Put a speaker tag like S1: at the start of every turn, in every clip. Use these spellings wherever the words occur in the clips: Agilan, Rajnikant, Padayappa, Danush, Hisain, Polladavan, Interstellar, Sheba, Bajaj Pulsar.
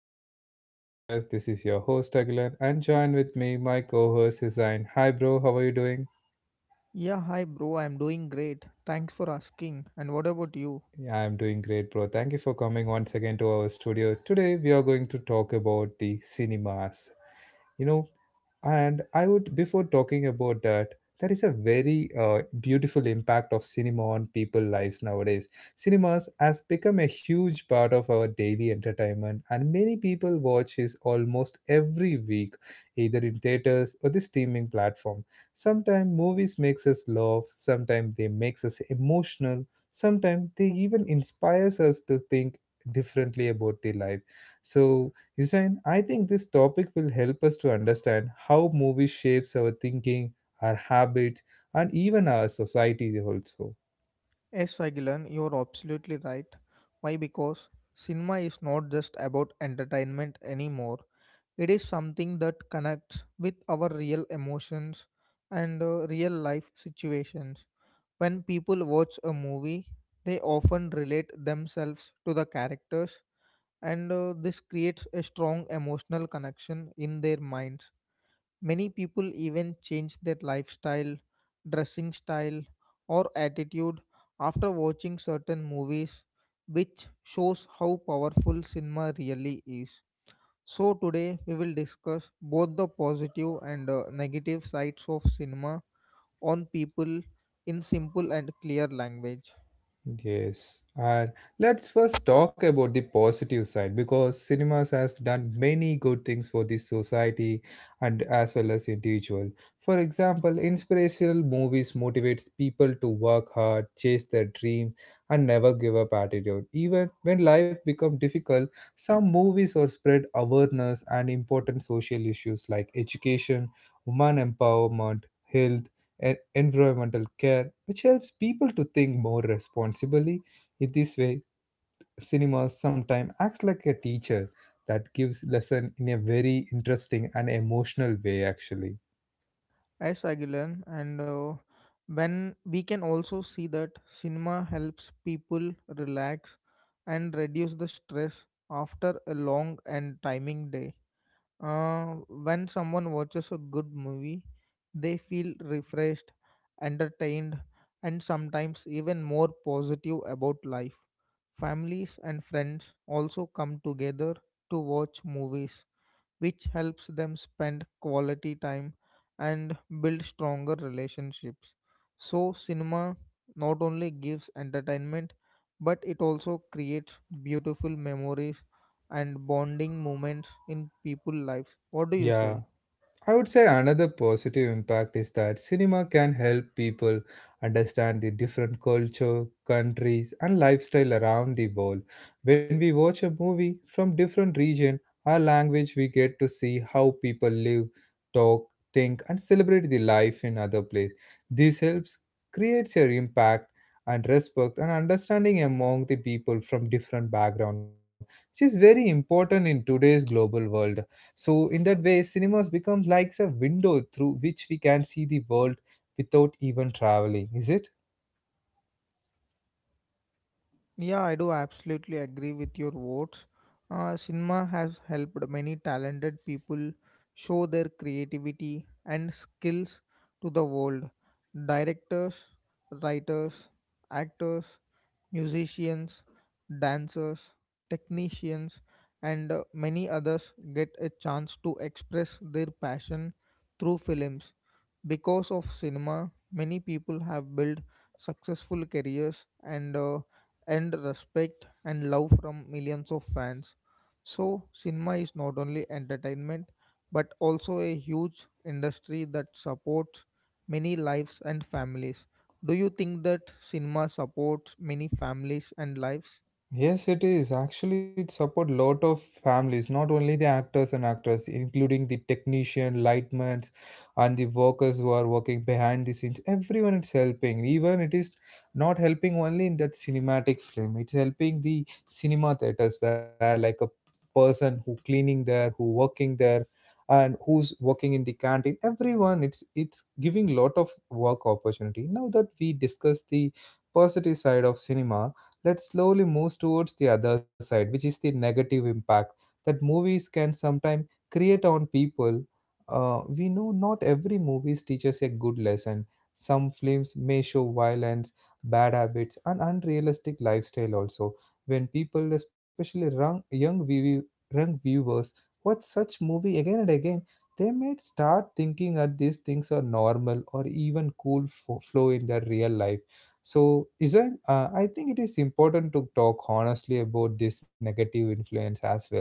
S1: episode of my podcast. This is your host Agilan, and join with me my co-host Hisain. Hi bro, how are you doing?
S2: Yeah, hi bro, I'm doing great. Thanks for asking. And what about you?
S1: I am doing great bro. Thank you for coming once again to our studio. Today we are going to talk about the cinemas. You know, before talking about that, there is a very beautiful impact of cinema on people lives nowadays. Cinemas has become a huge part of our daily entertainment, and many people watch it almost every week, either in theaters or the streaming platform. Sometimes movies makes us laugh, sometimes they makes us emotional, sometimes they even inspires us to think differently about the life. So Hussein, I think this topic will help us to understand how movie shapes our thinking, our habits, and even our society also.
S2: Yes, Agilan, you're absolutely right. Why? Because cinema is not just about entertainment anymore. It is something that connects with our real emotions and real life situations. When people watch a movie, they often relate themselves to the characters, and this creates a strong emotional connection in their minds. Many people even change their lifestyle, dressing style, or attitude after watching certain movies, which shows how powerful cinema really is. So, today we will discuss both the positive and negative sides of cinema on people in simple and clear language.
S1: Yes, and let's first talk about the positive side because cinemas has done many good things for the society and as well as individual. For example, inspirational movies motivates people to work hard, chase their dreams, and never give up attitude. Even when life become difficult, some movies or spread awareness and important social issues like education, woman empowerment, health, and environmental care, which helps people to think more responsibly. In this way, cinema sometimes acts like a teacher that gives lesson in a very interesting and emotional way actually.
S2: Yes, Aguilan, and when we can also see that cinema helps people relax and reduce the stress after a long and timing day. When someone watches a good movie, they feel refreshed, entertained, and sometimes even more positive about life. Families and friends also come together to watch movies which helps them spend quality time and build stronger relationships. So, cinema not only gives entertainment but it also creates beautiful memories and bonding moments in people's lives. What do you
S1: Yeah.
S2: say?
S1: I would say another positive impact is that cinema can help people understand the different culture, countries, and lifestyle around the world. When we watch a movie from different region or language, we get to see how people live, talk, think, and celebrate the life in other place. This helps creates a impact and respect and understanding among the people from different background, which is very important in today's global world. So, in that way, cinemas become like a window through which we can see the world without even traveling, is it?
S2: Yeah, I do absolutely agree with your votes. Cinema has helped many talented people show their creativity and skills to the world. Directors, writers, actors, musicians, dancers, technicians, and many others get a chance to express their passion through films. Because of cinema, many people have built successful careers and earned respect and love from millions of fans. So, cinema is not only entertainment but also a huge industry that supports many lives and families. Do you think that cinema supports many families and lives?
S1: Yes, it is. Actually, it support lot of families, not only the actors and actresses, including the technician, lightmen, and the workers who are working behind the scenes. Everyone is helping. Even it is not helping only in that cinematic film. It's helping the cinema theaters where like a person who cleaning there, who working there, and who's working in the canteen. Everyone, it's giving lot of work opportunity. Now that we discuss the positive side of cinema that slowly moves towards the other side, which is the negative impact that movies can sometimes create on people. We know not every movies teaches a good lesson. Some films may show violence, bad habits, and unrealistic lifestyle also. When people, especially young viewers, watch such movie again and again, they may start thinking that these things are normal or even cool flow in their real life so, isn't I think it is important to talk honestly about this negative influence as well.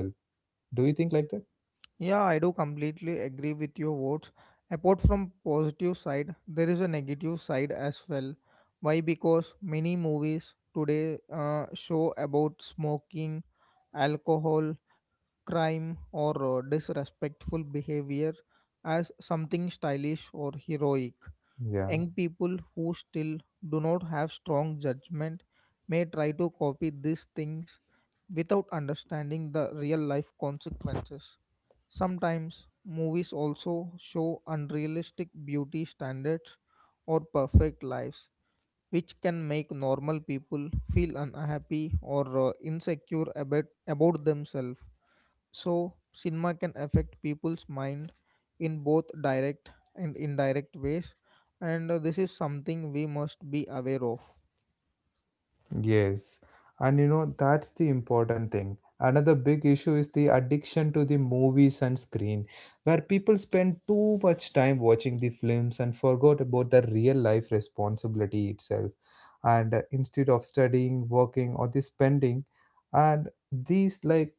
S1: Do you think like that?
S2: Yeah, I do completely agree with your words. Apart from positive side, there is a negative side as well. Why? Because many movies today show about smoking, alcohol, crime, or disrespectful behavior as something stylish or heroic.
S1: Yeah.
S2: Young people who still do not have strong judgment may try to copy these things without understanding the real life consequences. Sometimes movies also show unrealistic beauty standards or perfect lives, which can make normal people feel unhappy or insecure about themselves. So, cinema can affect people's mind in both direct and indirect ways, and this is something we must be aware of.
S1: Yes. And you know, that's the important thing. Another big issue is the addiction to the movies and screen, where people spend too much time watching the films and forgot about the real life responsibility itself. And instead of studying, working, or the spending, and these like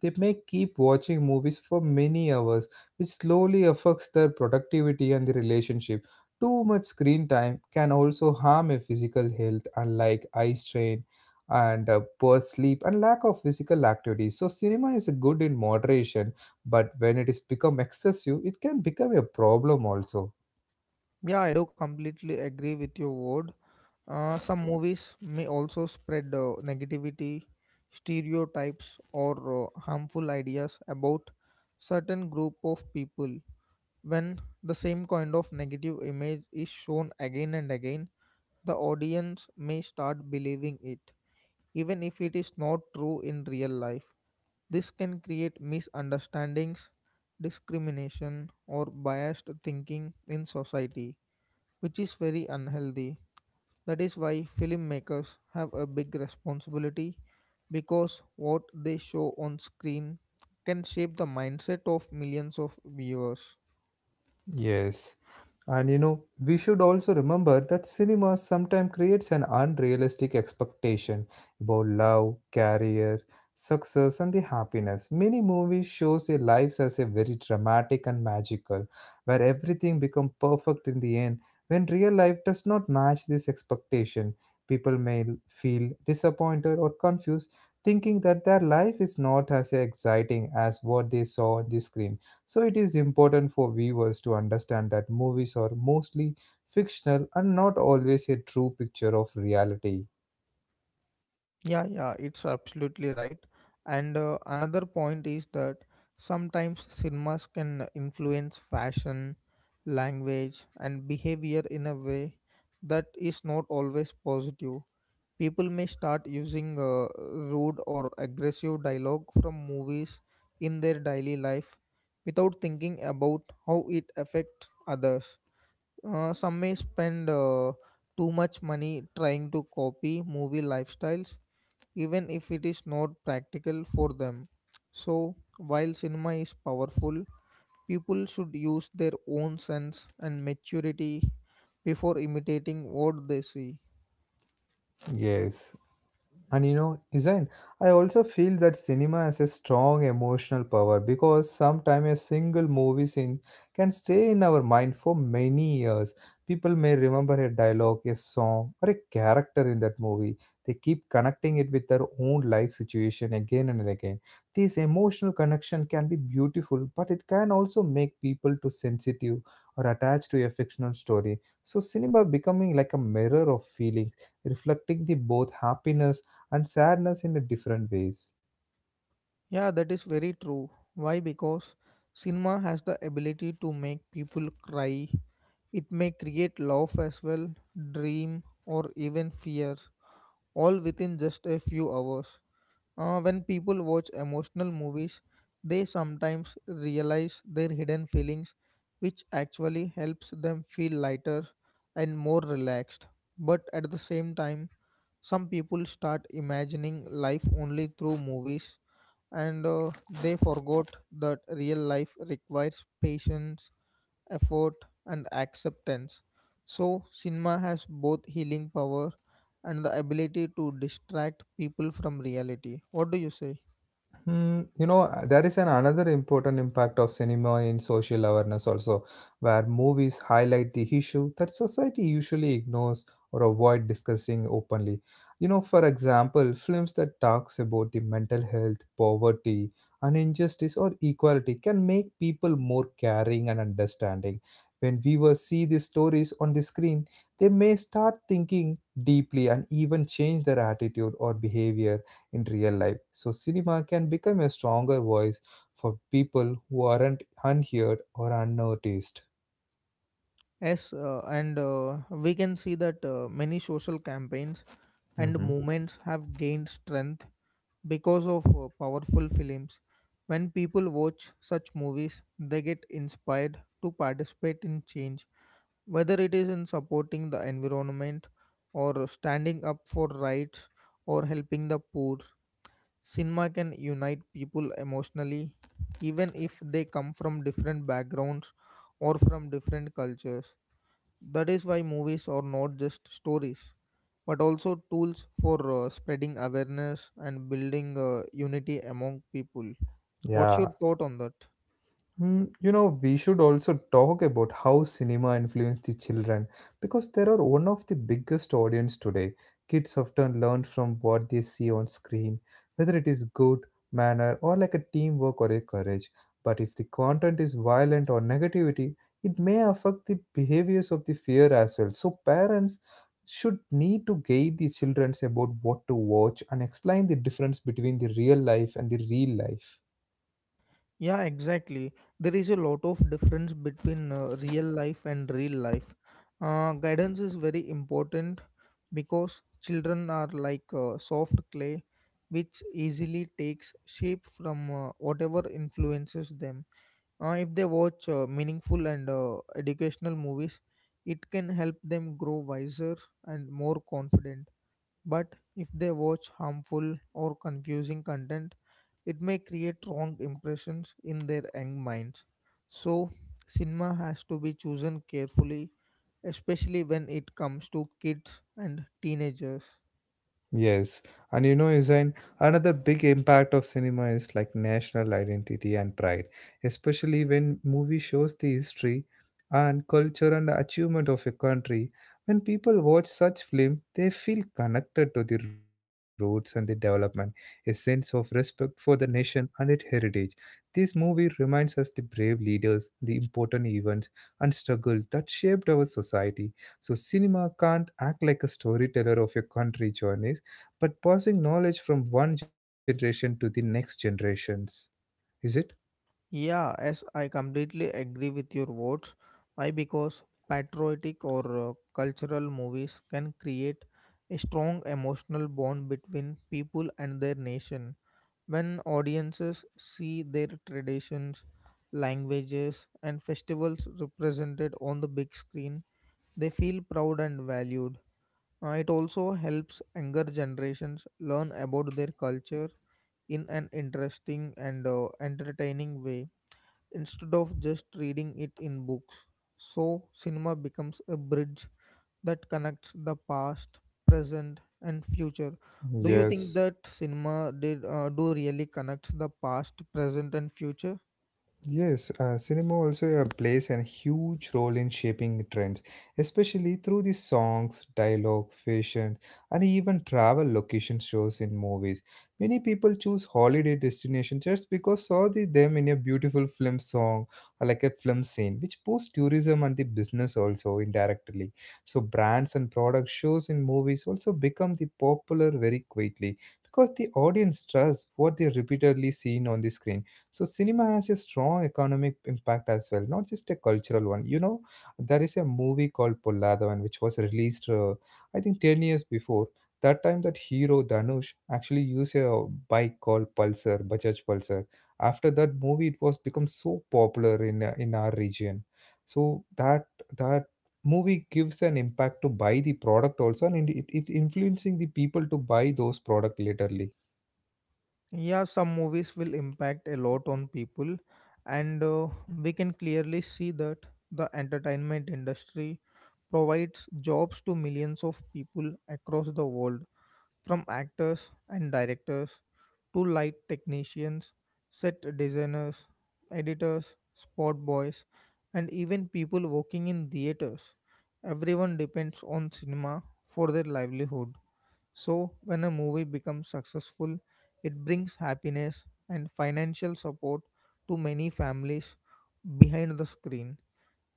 S1: They may keep watching movies for many hours, which slowly affects their productivity and the relationship. Too much screen time can also harm a physical health, unlike eye strain and poor sleep and lack of physical activity. So, cinema is good in moderation, but when it is become excessive, it can become a problem also.
S2: Yeah, I do completely agree with your word. Some movies may also spread negativity, stereotypes, or harmful ideas about certain group of people. When the same kind of negative image is shown again and again, the audience may start believing it even if it is not true in real life. This can create misunderstandings, discrimination, or biased thinking in society, which is very unhealthy. That is why filmmakers have a big responsibility because what they show on screen can shape the mindset of millions of viewers.
S1: Yes. And you know, we should also remember that cinema sometimes creates an unrealistic expectation about love, career, success, and the happiness. Many movies shows their lives as a very dramatic and magical, where everything becomes perfect in the end. When real life does not match this expectation, people may feel disappointed or confused, thinking that their life is not as exciting as what they saw on the screen. So it is important for viewers to understand that movies are mostly fictional and not always a true picture of reality.
S2: Yeah, yeah, it's absolutely right. And another point is that sometimes cinemas can influence fashion, language, and behavior in a way that is not always positive. People may start using rude or aggressive dialogue from movies in their daily life without thinking about how it affects others. Some may spend too much money trying to copy movie lifestyles even if it is not practical for them. So, while cinema is powerful, people should use their own sense and maturity before imitating what they see.
S1: Yes. And you know, Zain, I also feel that cinema has a strong emotional power because sometimes a single movie scene can stay in our mind for many years. People may remember a dialogue, a song, or a character in that movie. They keep connecting it with their own life situation again and again. This emotional connection can be beautiful, but it can also make people too sensitive or attached to a fictional story. So cinema becoming like a mirror of feelings, reflecting the both happiness and sadness in a different ways.
S2: Yeah, that is very true. Why? Because cinema has the ability to make people cry. It may create love as well, dream, or even fear, all within just a few hours. When people watch emotional movies, they sometimes realize their hidden feelings, which actually helps them feel lighter and more relaxed. But at the same time, some people start imagining life only through movies and they forgot that real life requires patience, effort, and acceptance. So, cinema has both healing power and the ability to distract people from reality. What do you say?
S1: Hmm, you know, there is an another important impact of cinema in social awareness also, where movies highlight the issue that society usually ignores or avoid discussing openly. You know, for example, films that talks about the mental health, poverty, and injustice or equality can make people more caring and understanding. When viewers see these stories on the screen, they may start thinking deeply and even change their attitude or behavior in real life. So, cinema can become a stronger voice for people who aren't unheard or unnoticed.
S2: Yes, and we can see that many social campaigns and
S1: Mhm.
S2: movements have gained strength because of powerful films. When people watch such movies, they get inspired to participate in change, whether it is in supporting the environment or standing up for rights or helping the poor. Cinema can unite people emotionally, even if they come from different backgrounds or from different cultures. That is why movies are not just stories, but also tools for spreading awareness and building unity among people. What's
S1: Yeah.
S2: your thought on that?
S1: Mm, you know, we should also talk about how cinema influenced the children because they are one of the biggest audience today. Kids often learn from what they see on screen, whether it is good, manner, or like a teamwork or a courage. But if the content is violent or negativity, it may affect the behaviors of the fear as well. So parents should need to guide the children about what to watch and explain the difference between the real life and the real life.
S2: Yeah, exactly. There is a lot of difference between real life and real life. Guidance is very important because children are like soft clay which easily takes shape from whatever influences them. If they watch meaningful and educational movies, it can help them grow wiser and more confident. But if they watch harmful or confusing content, it may create wrong impressions in their young minds. So, cinema has to be chosen carefully, especially when it comes to kids and teenagers.
S1: Yes, and you know, Usain, another big impact of cinema is like national identity and pride, especially when movie shows the history and culture and the achievement of a country. When people watch such film, they feel connected to the roots and the development, a sense of respect for the nation and its heritage. This movie reminds us the brave leaders, the important events and struggles that shaped our society. So cinema can't act like a storyteller of a country journey but passing knowledge from one generation to the next generations, is it?
S2: Yeah, as I completely agree with your words. Why? Because patriotic or cultural movies can create a strong emotional bond between people and their nation. When audiences see their traditions, languages, and festivals represented on the big screen, they feel proud and valued. It also helps younger generations learn about their culture in an interesting and entertaining way instead of just reading it in books. So, cinema becomes a bridge that connects the past, present, and future. Do you think
S1: Yes.
S2: that cinema did do really connect the past, present, and future?
S1: Yes, cinema also plays a huge role in shaping trends, especially through the songs, dialogue, fashion, and even travel location shows in movies. Many people choose holiday destinations just because saw the, them in a beautiful film song or like a film scene, which boosts tourism and the business also indirectly. So brands and product shows in movies also become the popular very quickly because the audience trusts what they repeatedly seen on the screen so cinema has a strong economic impact as well, not just a cultural one. You know, there is a movie called Polladavan, which was released, I think, 10 years before. That time, that hero Danush actually used a bike called Pulsar, Bajaj Pulsar. After that movie, it was become so popular in in our region. So that movie gives an impact to buy the product also, and it influencing the people to buy those product laterly.
S2: Yeah, some movies will impact a lot on people, and we can clearly see that the entertainment industry provides jobs to millions of people across the world. From actors and directors to light technicians, set designers, editors, spot boys, and even people working in theaters, everyone depends on cinema for their livelihood. So, when a movie becomes successful, it brings happiness and financial support to many families behind the screen.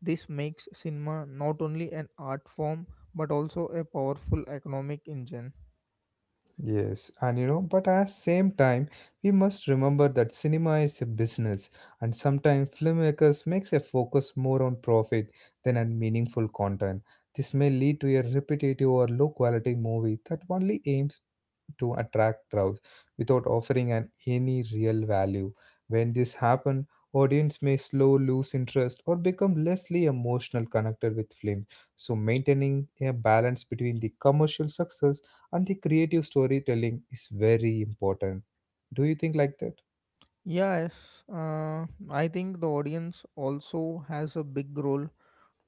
S2: This makes cinema not only an art form but also a powerful economic engine.
S1: Yes, and you know, but at same time, we must remember that cinema is a business, and sometimes filmmakers makes a focus more on profit than on meaningful content. This may lead to a repetitive or low quality movie that only aims to attract crowds without offering an any real value. When this happens, audience may slow lose interest or become lessly emotional connected with films. So maintaining a balance between the commercial success and the creative storytelling is very important. Do you think like that?
S2: Yes, I think the audience also has a big role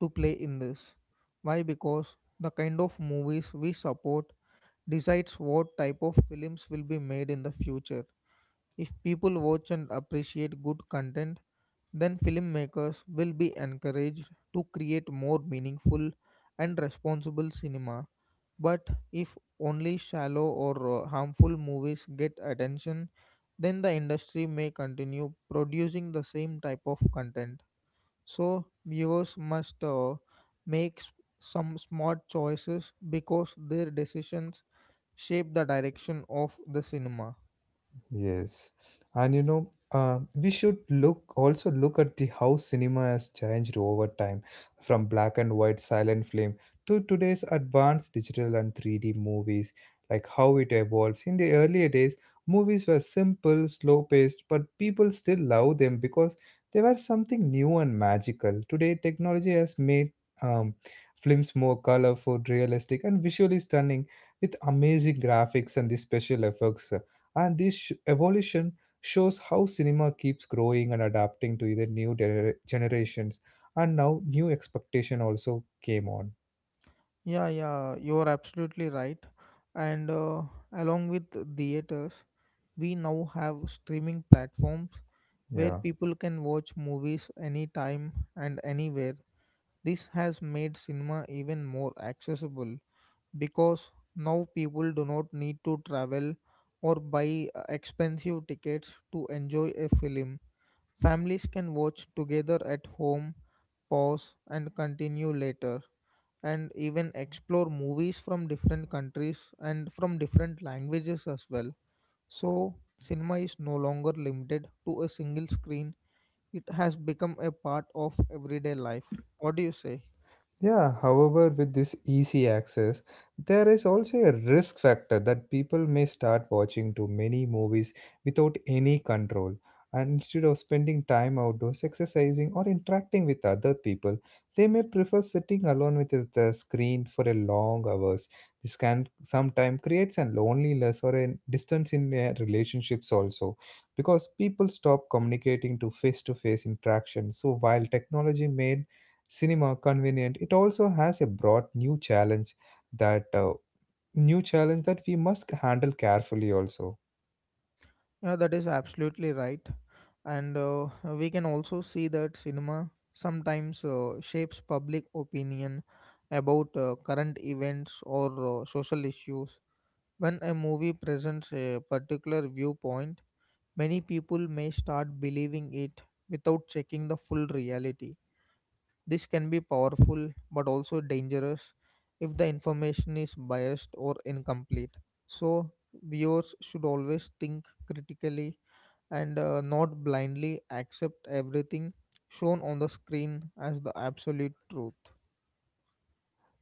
S2: to play in this. Why? Because the kind of movies we support decides what type of films will be made in the future. If people watch and appreciate good content, then filmmakers will be encouraged to create more meaningful and responsible cinema. But if only shallow or harmful movies get attention, then the industry may continue producing the same type of content. So, viewers must make s- some smart choices because their decisions shape the direction of the cinema.
S1: Yes, and you know, we should look also look at the how cinema has changed over time, from black and white silent film to today's advanced digital and 3D movies. Like how it evolves. In the earlier days, movies were simple, slow-paced, but people still love them because they were something new and magical. Today, technology has made um, films more colorful, realistic, and visually stunning, with amazing graphics and the special effects. And this evolution shows how cinema keeps growing and adapting to either new generations and now new expectation also came on.
S2: Yeah, yeah, you're absolutely right. And along with theaters, we now have streaming platforms where
S1: Yeah.
S2: people can watch movies anytime and anywhere. This has made cinema even more accessible because now people do not need to travel or buy expensive tickets to enjoy a film. Families can watch together at home, pause, and continue later and even explore movies from different countries and from different languages as well. So, cinema is no longer limited to a single screen, it has become a part of everyday life. What do you say?
S1: Yeah, however, with this easy access, there is also a risk factor that people may start watching too many movies without any control. And instead of spending time outdoors exercising or interacting with other people, they may prefer sitting alone with the screen for a long hours. This can sometimes creates a loneliness or a distance in their relationships also, because people stop communicating to face-to-face interaction. So while technology made cinema convenient it also has a broad that uh, new challenge that we must handle carefully also.
S2: Yeah, that is absolutely right. And we can also see that cinema sometimes shapes public opinion about current events or social issues. When a movie presents a particular viewpoint, many people may start believing it without checking the full reality. This can be powerful but also dangerous if the information is biased or incomplete. So, viewers should always think critically and not blindly accept everything shown on the screen as the absolute truth.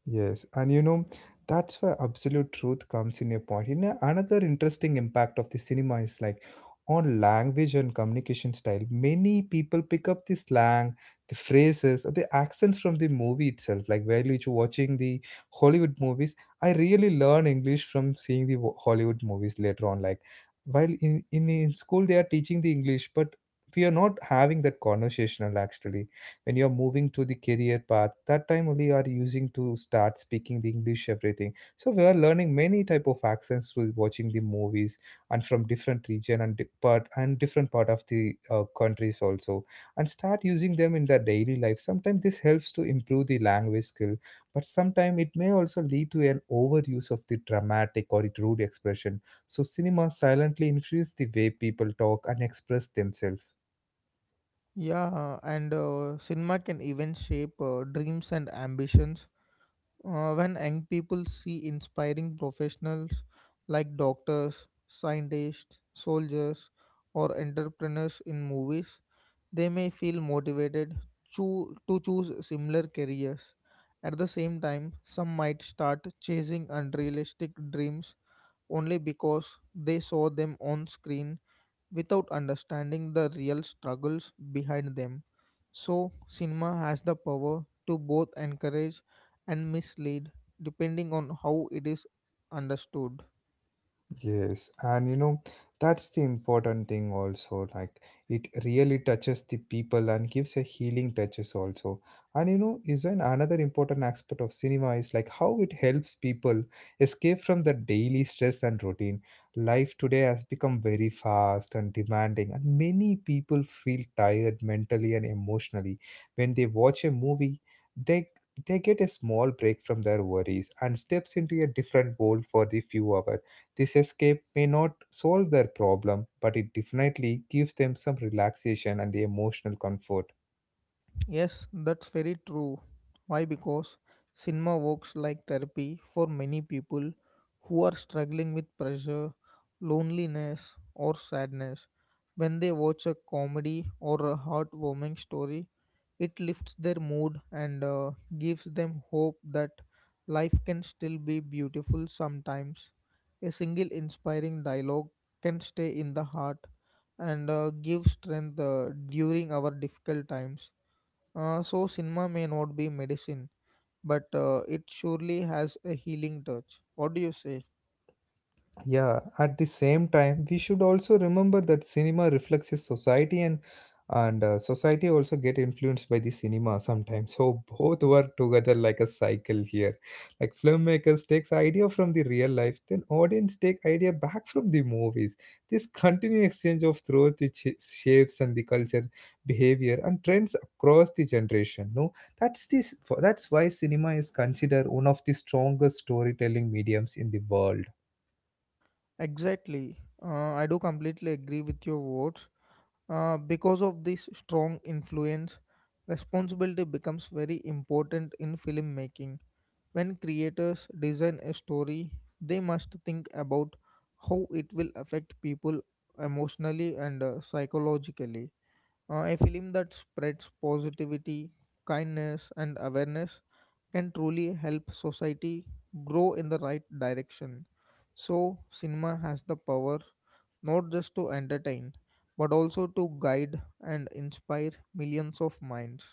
S1: Yes, and you know, that's where absolute truth comes in your point. You know, another interesting impact of the cinema is like on language and communication style. Many people pick up the slang, the phrases, or the accents from the movie itself. Like while you're watching the Hollywood movies, I really learn English from seeing the Hollywood movies later on. Like while in school they are teaching the English, but we are not having that conversational actually when you're moving to the career path, that time only you are using to start speaking the english everything. So we are learning many type of accents through watching the movies and from different region and part and different part of the countries also, and start using them in their daily life. Sometimes this helps to improve the language skill, but sometimes it may also lead to an overuse of the dramatic or rude expression. So cinema silently influences the way people talk and express themselves.
S2: Yeah, and cinema can even shape dreams and ambitions. When young people see inspiring professionals like doctors, scientists, soldiers, or entrepreneurs in movies, they may feel motivated to choose similar careers. At the same time, some might start chasing unrealistic dreams only because they saw them on screen without understanding the real struggles behind them. So, cinema has the power to both encourage and mislead depending on how it is understood.
S1: Yes, and you know, that's the important thing also. Like, it really touches the people and gives a healing touches also. And you know, is an another important aspect of cinema is like how it helps people escape from the daily stress and routine. Life today has become very fast and demanding, and many people feel tired mentally and emotionally when they watch a movie. They they get a small break from their worries and steps into a different world for the few hours. This escape may not solve their problem, but it definitely gives them some relaxation and the emotional comfort.
S2: Yes, that's very true. Why? Because cinema works like therapy for many people who are struggling with pressure, loneliness, or sadness. When they watch a comedy or a heartwarming story, it lifts their mood and gives them hope that life can still be beautiful sometimes. A single inspiring dialogue can stay in the heart and give strength during our difficult times. So, cinema may not be medicine, but it surely has a healing touch. What do you say?
S1: Yeah, at the same time, we should also remember that cinema reflects a society, and society also get influenced by the cinema sometimes. So both work together like a cycle here. Like filmmakers takes idea from the real life, then audience take idea back from the movies. This continuous exchange of throughout the shapes and the culture, behavior and trends across the generation. No, that's this. That's why cinema is considered one of the strongest storytelling mediums in the world.
S2: Exactly. I do completely agree with your words. Because of this strong influence, responsibility becomes very important in filmmaking. When creators design a story, they must think about how it will affect people emotionally and psychologically. A film that spreads positivity, kindness, and awareness can truly help society grow in the right direction. So, cinema has the power not just to entertain, but also to guide and inspire millions of minds.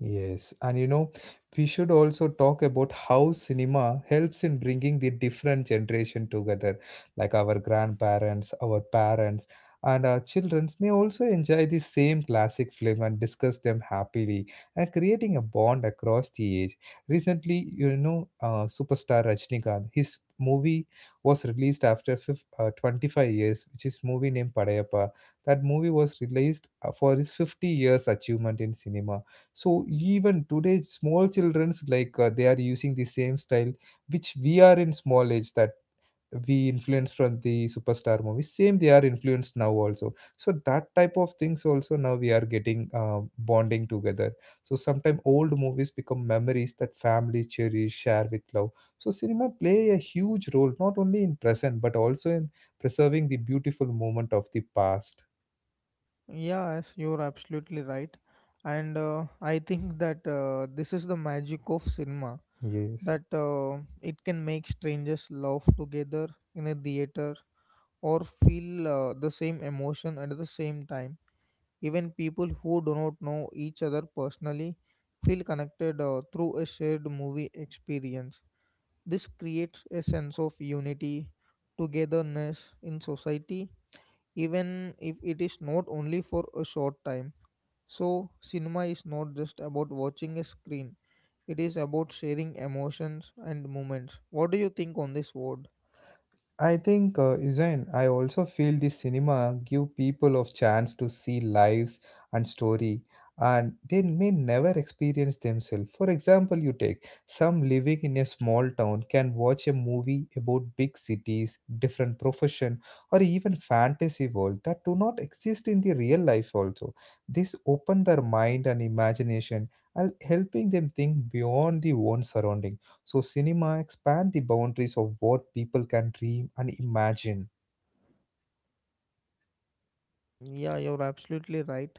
S1: Yes, and you know, we should also talk about how cinema helps in bringing the different generation together, like our grandparents, our parents, and our children may also enjoy the same classic film and discuss them happily and creating a bond across the age. Recently, you know, superstar Rajnikant, his movie was released after fif 25 years, which is movie named Padayappa. That movie was released for his 50 years achievement in cinema. So even today small children's like they are using the same style which we are in small age, that we influenced from the superstar movies. Same, they are influenced now also, so that type of things also now we are getting bonding together. So sometimes old movies become memories that family cherish share with love. So cinema play a huge role not only in present but also in preserving the beautiful moment of the past.
S2: Yes, you're absolutely right. And I think that this is the magic of cinema
S1: Yes,
S2: that it can make strangers laugh together in a theater or feel the same emotion at the same time. Even people who do not know each other personally feel connected through a shared movie experience. This creates a sense of unity, togetherness in society, even if it is not only for a short time. So, cinema is not just about watching a screen, it is about sharing emotions and moments. What do you think on this word?
S1: I think, Zain, I also feel the cinema give people of chance to see lives and story, and they may never experience themselves. For example, you take some living in a small town can watch a movie about big cities, different profession, or even fantasy world that do not exist in the real life. Also, this open their mind and imagination, and helping them think beyond the own surrounding. So cinema expand the boundaries of what people can dream and imagine.
S2: Mm, yeah, you're absolutely right.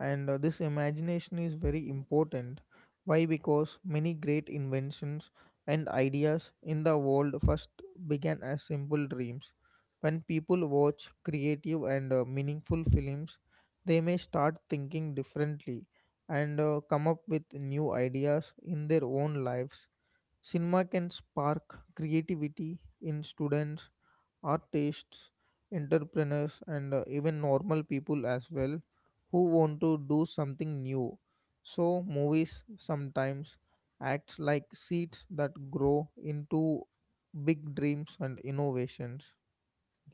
S2: And this imagination is very important. Why? Because many great inventions and ideas in the world first began as simple dreams. When people watch creative and meaningful films, they may start thinking differently and come up with new ideas in their own lives. Cinema can spark creativity in students, artists, entrepreneurs, and even normal people as well who want to do something new. So, movies sometimes act like seeds that grow into big dreams and innovations.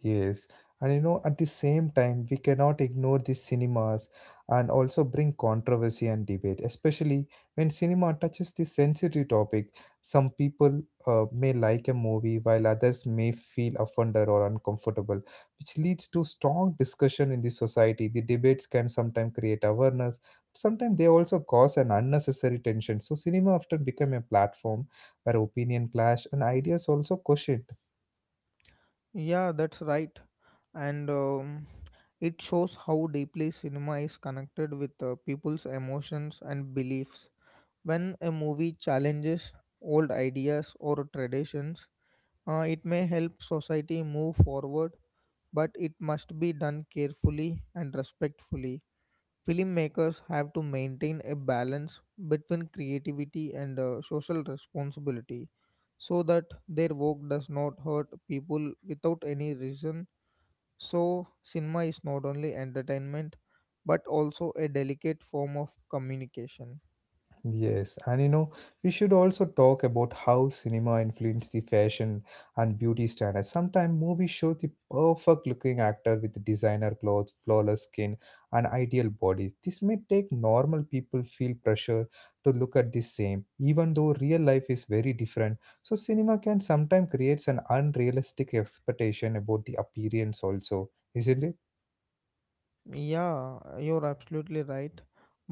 S1: Yes, and you know, at the same time, we cannot ignore these cinemas and also bring controversy and debate, especially when cinema touches the sensitive topic. Some people may like a movie while others may feel offended or uncomfortable, which leads to strong discussion in the society. The debates can sometimes create awareness, sometimes they also cause an unnecessary tension. So, cinema often become a platform where opinion clash and ideas also question.
S2: Yeah, that's right. And It shows how deeply cinema is connected with people's emotions and beliefs. When a movie challenges old ideas or traditions, it may help society move forward, but it must be done carefully and respectfully. Filmmakers have to maintain a balance between creativity and social responsibility so that their work does not hurt people without any reason. So, cinema is not only entertainment but also a delicate form of communication.
S1: Yes, and you know, we should also talk about how cinema influenced the fashion and beauty standards. Sometimes movies show the perfect looking actor with designer clothes, flawless skin, and ideal bodies. This may take normal people feel pressure to look at the same, even though real life is very different. So cinema can sometimes creates an unrealistic expectation about the appearance also, isn't it?
S2: Yeah, you're absolutely right.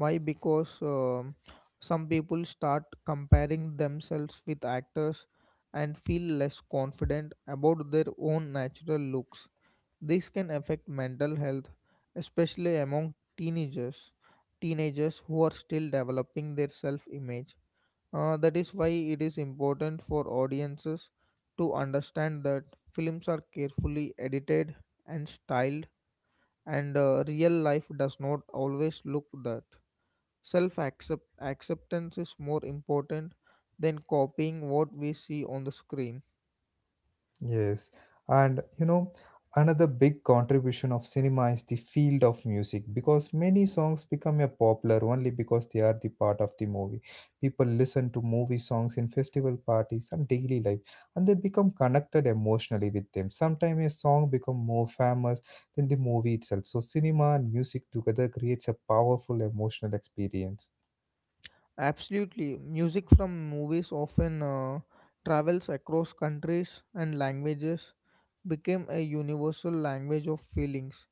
S2: Why? Because some people start comparing themselves with actors and feel less confident about their own natural looks. This can affect mental health, especially among teenagers, teenagers who are still developing their self-image. That is why it is important for audiences to understand that films are carefully edited and styled, and real life does not always look that. Self acceptance is more important than copying what we see on the screen.
S1: Yes, and you know, another big contribution of cinema is the field of music, because many songs become a popular only because they are the part of the movie. People listen to movie songs in festival parties and daily life, and they become connected emotionally with them. Sometimes a song become more famous than the movie itself. So cinema and music together creates a powerful emotional experience.
S2: Absolutely, music from movies often travels across countries and languages, became a universal language of feelings.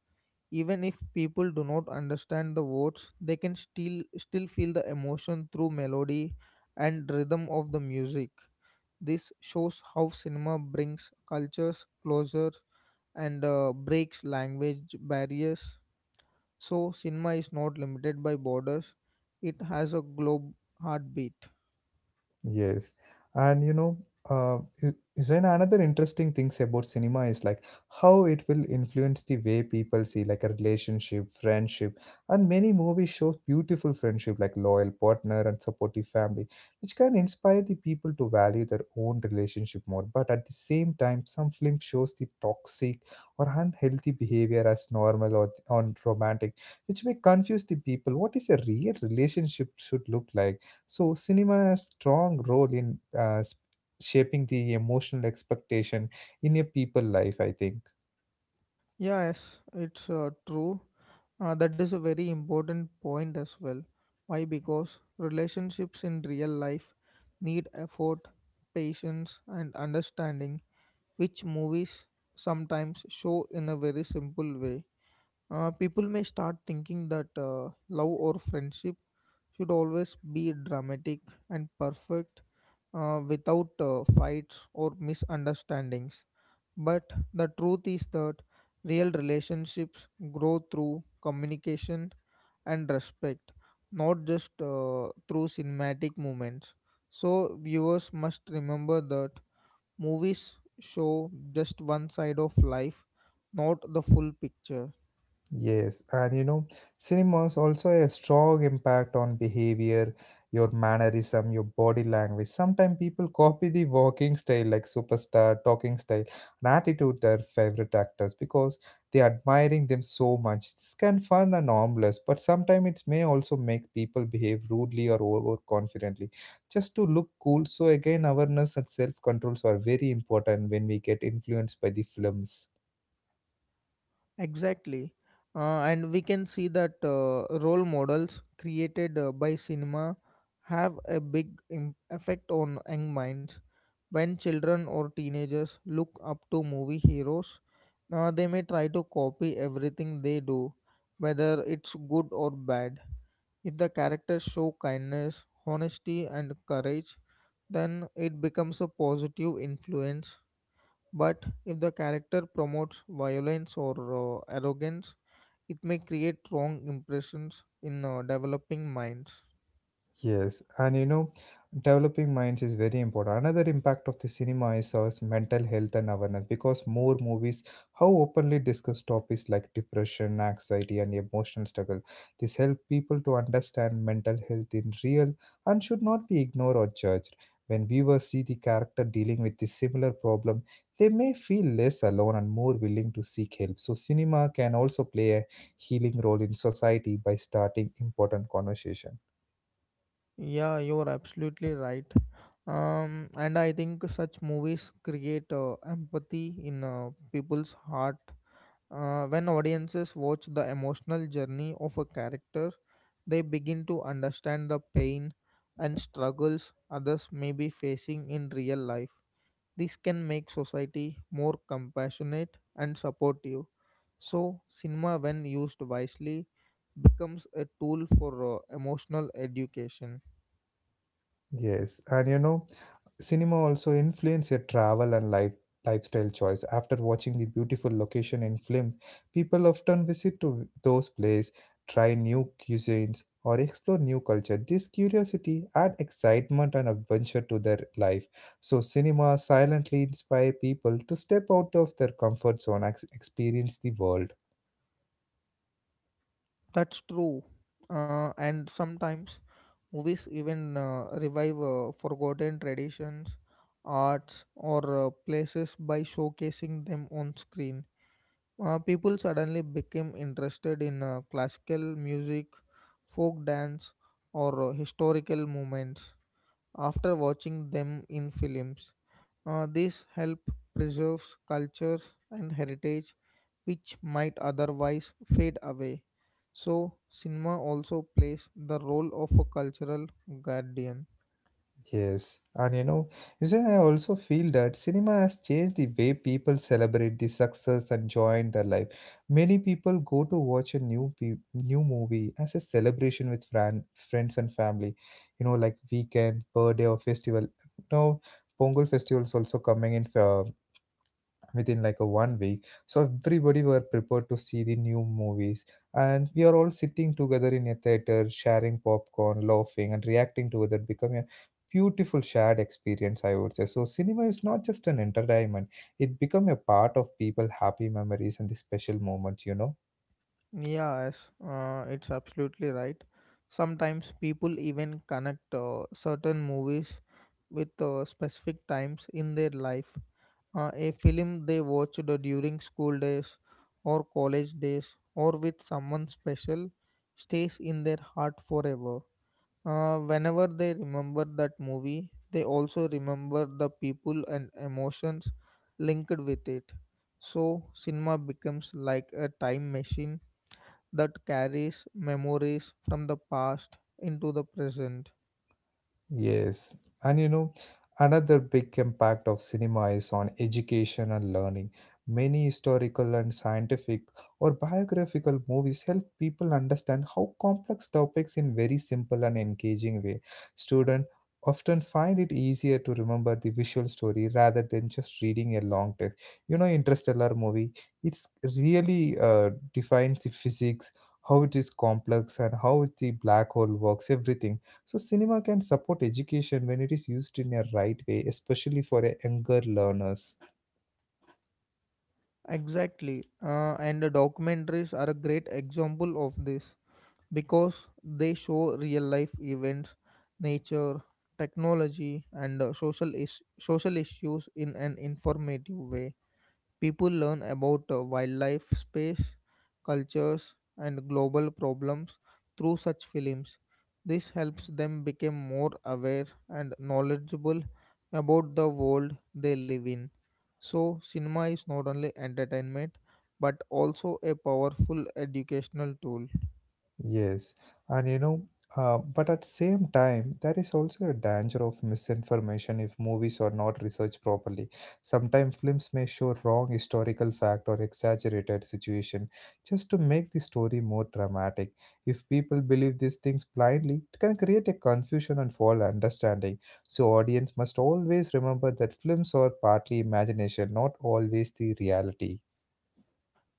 S2: Even if people do not understand the words, they can still feel the emotion through melody and rhythm of the music. This shows how cinema brings cultures closer and breaks language barriers. So, cinema is not limited by borders, it has a globe heartbeat.
S1: Yes, and you know, is another interesting things about cinema is like how it will influence the way people see like a relationship, friendship, and many movies show beautiful friendship like loyal partner and supportive family, which can inspire the people to value their own relationship more. But at the same time, some film shows the toxic or unhealthy behavior as normal or on romantic, which may confuse the people. What is a real relationship should look like? So, cinema has strong role in shaping the emotional expectation in a people life, I think.
S2: Yeah, yes, it's true. That is a very important point as well. Why? Because relationships in real life need effort, patience, and understanding, which movies sometimes show in a very simple way. People may start thinking that love or friendship should always be dramatic and perfect without fights or misunderstandings. But the truth is that real relationships grow through communication and respect, not just through cinematic moments. So, viewers must remember that movies show just one side of life, not the full picture.
S1: Yes, and you know, cinemas also a strong impact on behavior, your mannerism, your body language. Sometimes people copy the walking style, like superstar, talking style, and attitude their favorite actors, because they are admiring them so much. This can fun and harmless, but sometimes it may also make people behave rudely or overconfidently just to look cool. So again, awareness and self controls are very important when we get influenced by the films.
S2: Exactly. And we can see that role models created by cinema have a big effect on young minds. When children or teenagers look up to movie heroes, they may try to copy everything they do, whether it's good or bad. If the characters show kindness, honesty, and courage, then it becomes a positive influence. But if the character promotes violence or arrogance, it may create wrong impressions in developing minds.
S1: Yes, and you know, developing minds is very important. Another impact of the cinema is our mental health and awareness, because more movies how openly discuss topics like depression, anxiety, and emotional struggle. This helps people to understand mental health in real and should not be ignored or judged. When viewers see the character dealing with the similar problem, they may feel less alone and more willing to seek help. So, cinema can also play a healing role in society by starting important conversation.
S2: Yeah, you're absolutely right. And I think such movies create empathy in people's heart. When audiences watch the emotional journey of a character, they begin to understand the pain and struggles others may be facing in real life. This can make society more compassionate and supportive. So, cinema, when used wisely, becomes a tool for emotional education.
S1: Yes, and you know, cinema also influence your travel and life lifestyle choice. After watching the beautiful location in films, people often visit to those places, try new cuisines, or explore new culture. This curiosity add excitement and adventure to their life. So, cinema silently inspire people to step out of their comfort zone and experience the world.
S2: That's true. And sometimes movies even revive forgotten traditions, arts, or places by showcasing them on screen. People suddenly became interested in classical music, folk dance, or historical movements after watching them in films. This help preserves cultures and heritage which might otherwise fade away. So cinema also plays the role of a cultural guardian.
S1: Yes, and you know, usually, I also feel that cinema has changed the way people celebrate the success and joy in their life. Many people go to watch a new movie as a celebration with friends and family. You know, like weekend, birthday, or festival. Now, Pongal festival is also coming in, within like a 1 week, so everybody were prepared to see the new movies, and we are all sitting together in a theater sharing popcorn, laughing and reacting together, becoming a beautiful shared experience, I would say. So cinema is not just an entertainment, it become a part of people happy memories and the special moments, you know.
S2: Yeah, yes, it's absolutely right. Sometimes people even connect certain movies with specific times in their life. A film they watched during school days or college days or with someone special stays in their heart forever. Whenever they remember that movie, they also remember the people and emotions linked with it. So, cinema becomes like a time machine that carries memories from the past into the present.
S1: Yes, and you know, another big impact of cinema is on education and learning. Many historical and scientific or biographical movies help people understand how complex topics in very simple and engaging way. Students often find it easier to remember the visual story rather than just reading a long text. You know, Interstellar movie, it's really defines the physics, how it is complex and how the black hole works, everything. So cinema can support education when it is used in a right way, especially for a younger learners.
S2: Exactly. And the documentaries are a great example of this because they show real life events, nature, technology, and social, social issues in an informative way. People learn about wildlife, space, cultures, and global problems through such films. This helps them become more aware and knowledgeable about the world they live in. So, cinema is not only entertainment but also a powerful educational tool.
S1: Yes, and you know, but at same time, there is also a danger of misinformation if movies are not researched properly. Sometimes films may show wrong historical fact or exaggerated situation just to make the story more dramatic. If people believe these things blindly, it can create a confusion and false understanding. So audience must always remember that films are partly imagination, not always the reality.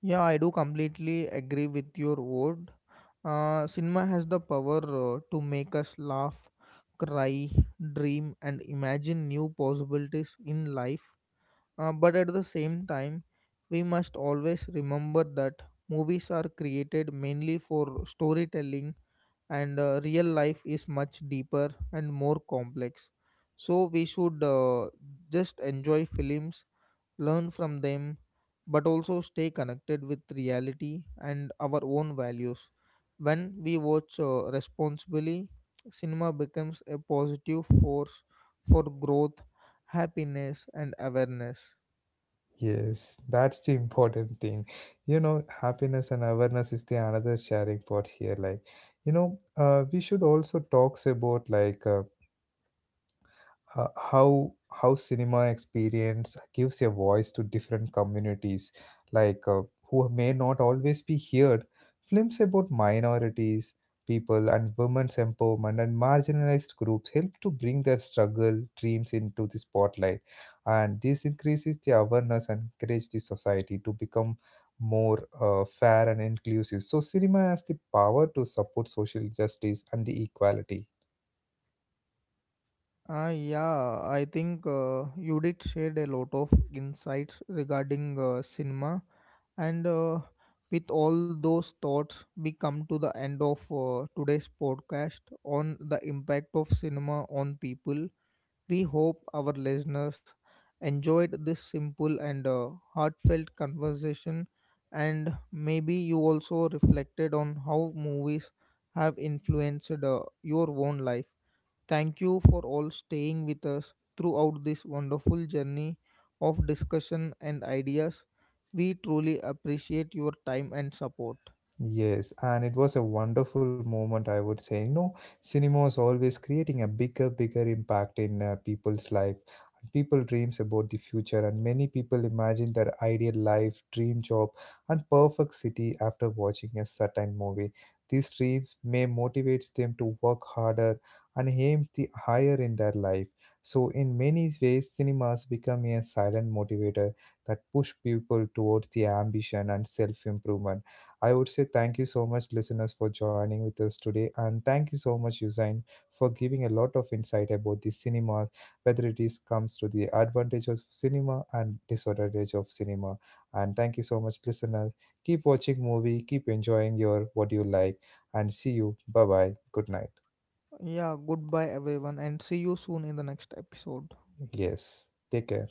S2: Yeah, I do completely agree with your word. Cinema has the power to make us laugh, cry, dream, and imagine new possibilities in life. But at the same time, we must always remember that movies are created mainly for storytelling, and real life is much deeper and more complex. So, we should just enjoy films, learn from them, but also stay connected with reality and our own values. When we watch responsibly, cinema becomes a positive force for growth, happiness, and awareness.
S1: Yes, that's the important thing. You know, happiness and awareness is the another sharing part here. Like, you know, we should also talks about like uh, how how cinema experience gives a voice to different communities, like who may not always be heard. Films about minorities people and women's empowerment and marginalized groups help to bring their struggle dreams into the spotlight, and this increases the awareness and encourage the society to become more fair and inclusive. So cinema has the power to support social justice and the equality.
S2: Ah, yeah, I think you did shared a lot of insights regarding cinema, and with all those thoughts, we come to the end of today's podcast on the impact of cinema on people. We hope our listeners enjoyed this simple and heartfelt conversation, and maybe you also reflected on how movies have influenced your own life. Thank you for all staying with us throughout this wonderful journey of discussion and ideas. We truly appreciate your time and support.
S1: Yes, and it was a wonderful moment, I would say. You know, cinema is always creating a bigger, bigger impact in people's life. People dreams about the future, and many people imagine their ideal life, dream job, and perfect city after watching a certain movie. These dreams may motivate them to work harder and aim the higher in their life. So, in many ways, cinemas become a silent motivator that push people towards the ambition and self-improvement. I would say thank you so much, listeners, for joining with us today. And thank you so much, Usain, for giving a lot of insight about the cinema, whether it is comes to the advantage of cinema and disadvantage of cinema. And thank you so much, listeners. Keep watching movie, keep enjoying your what you like, and see you. Bye bye. Good night.
S2: Yeah, goodbye everyone, and see you soon in the next episode.
S1: Yes. Take care.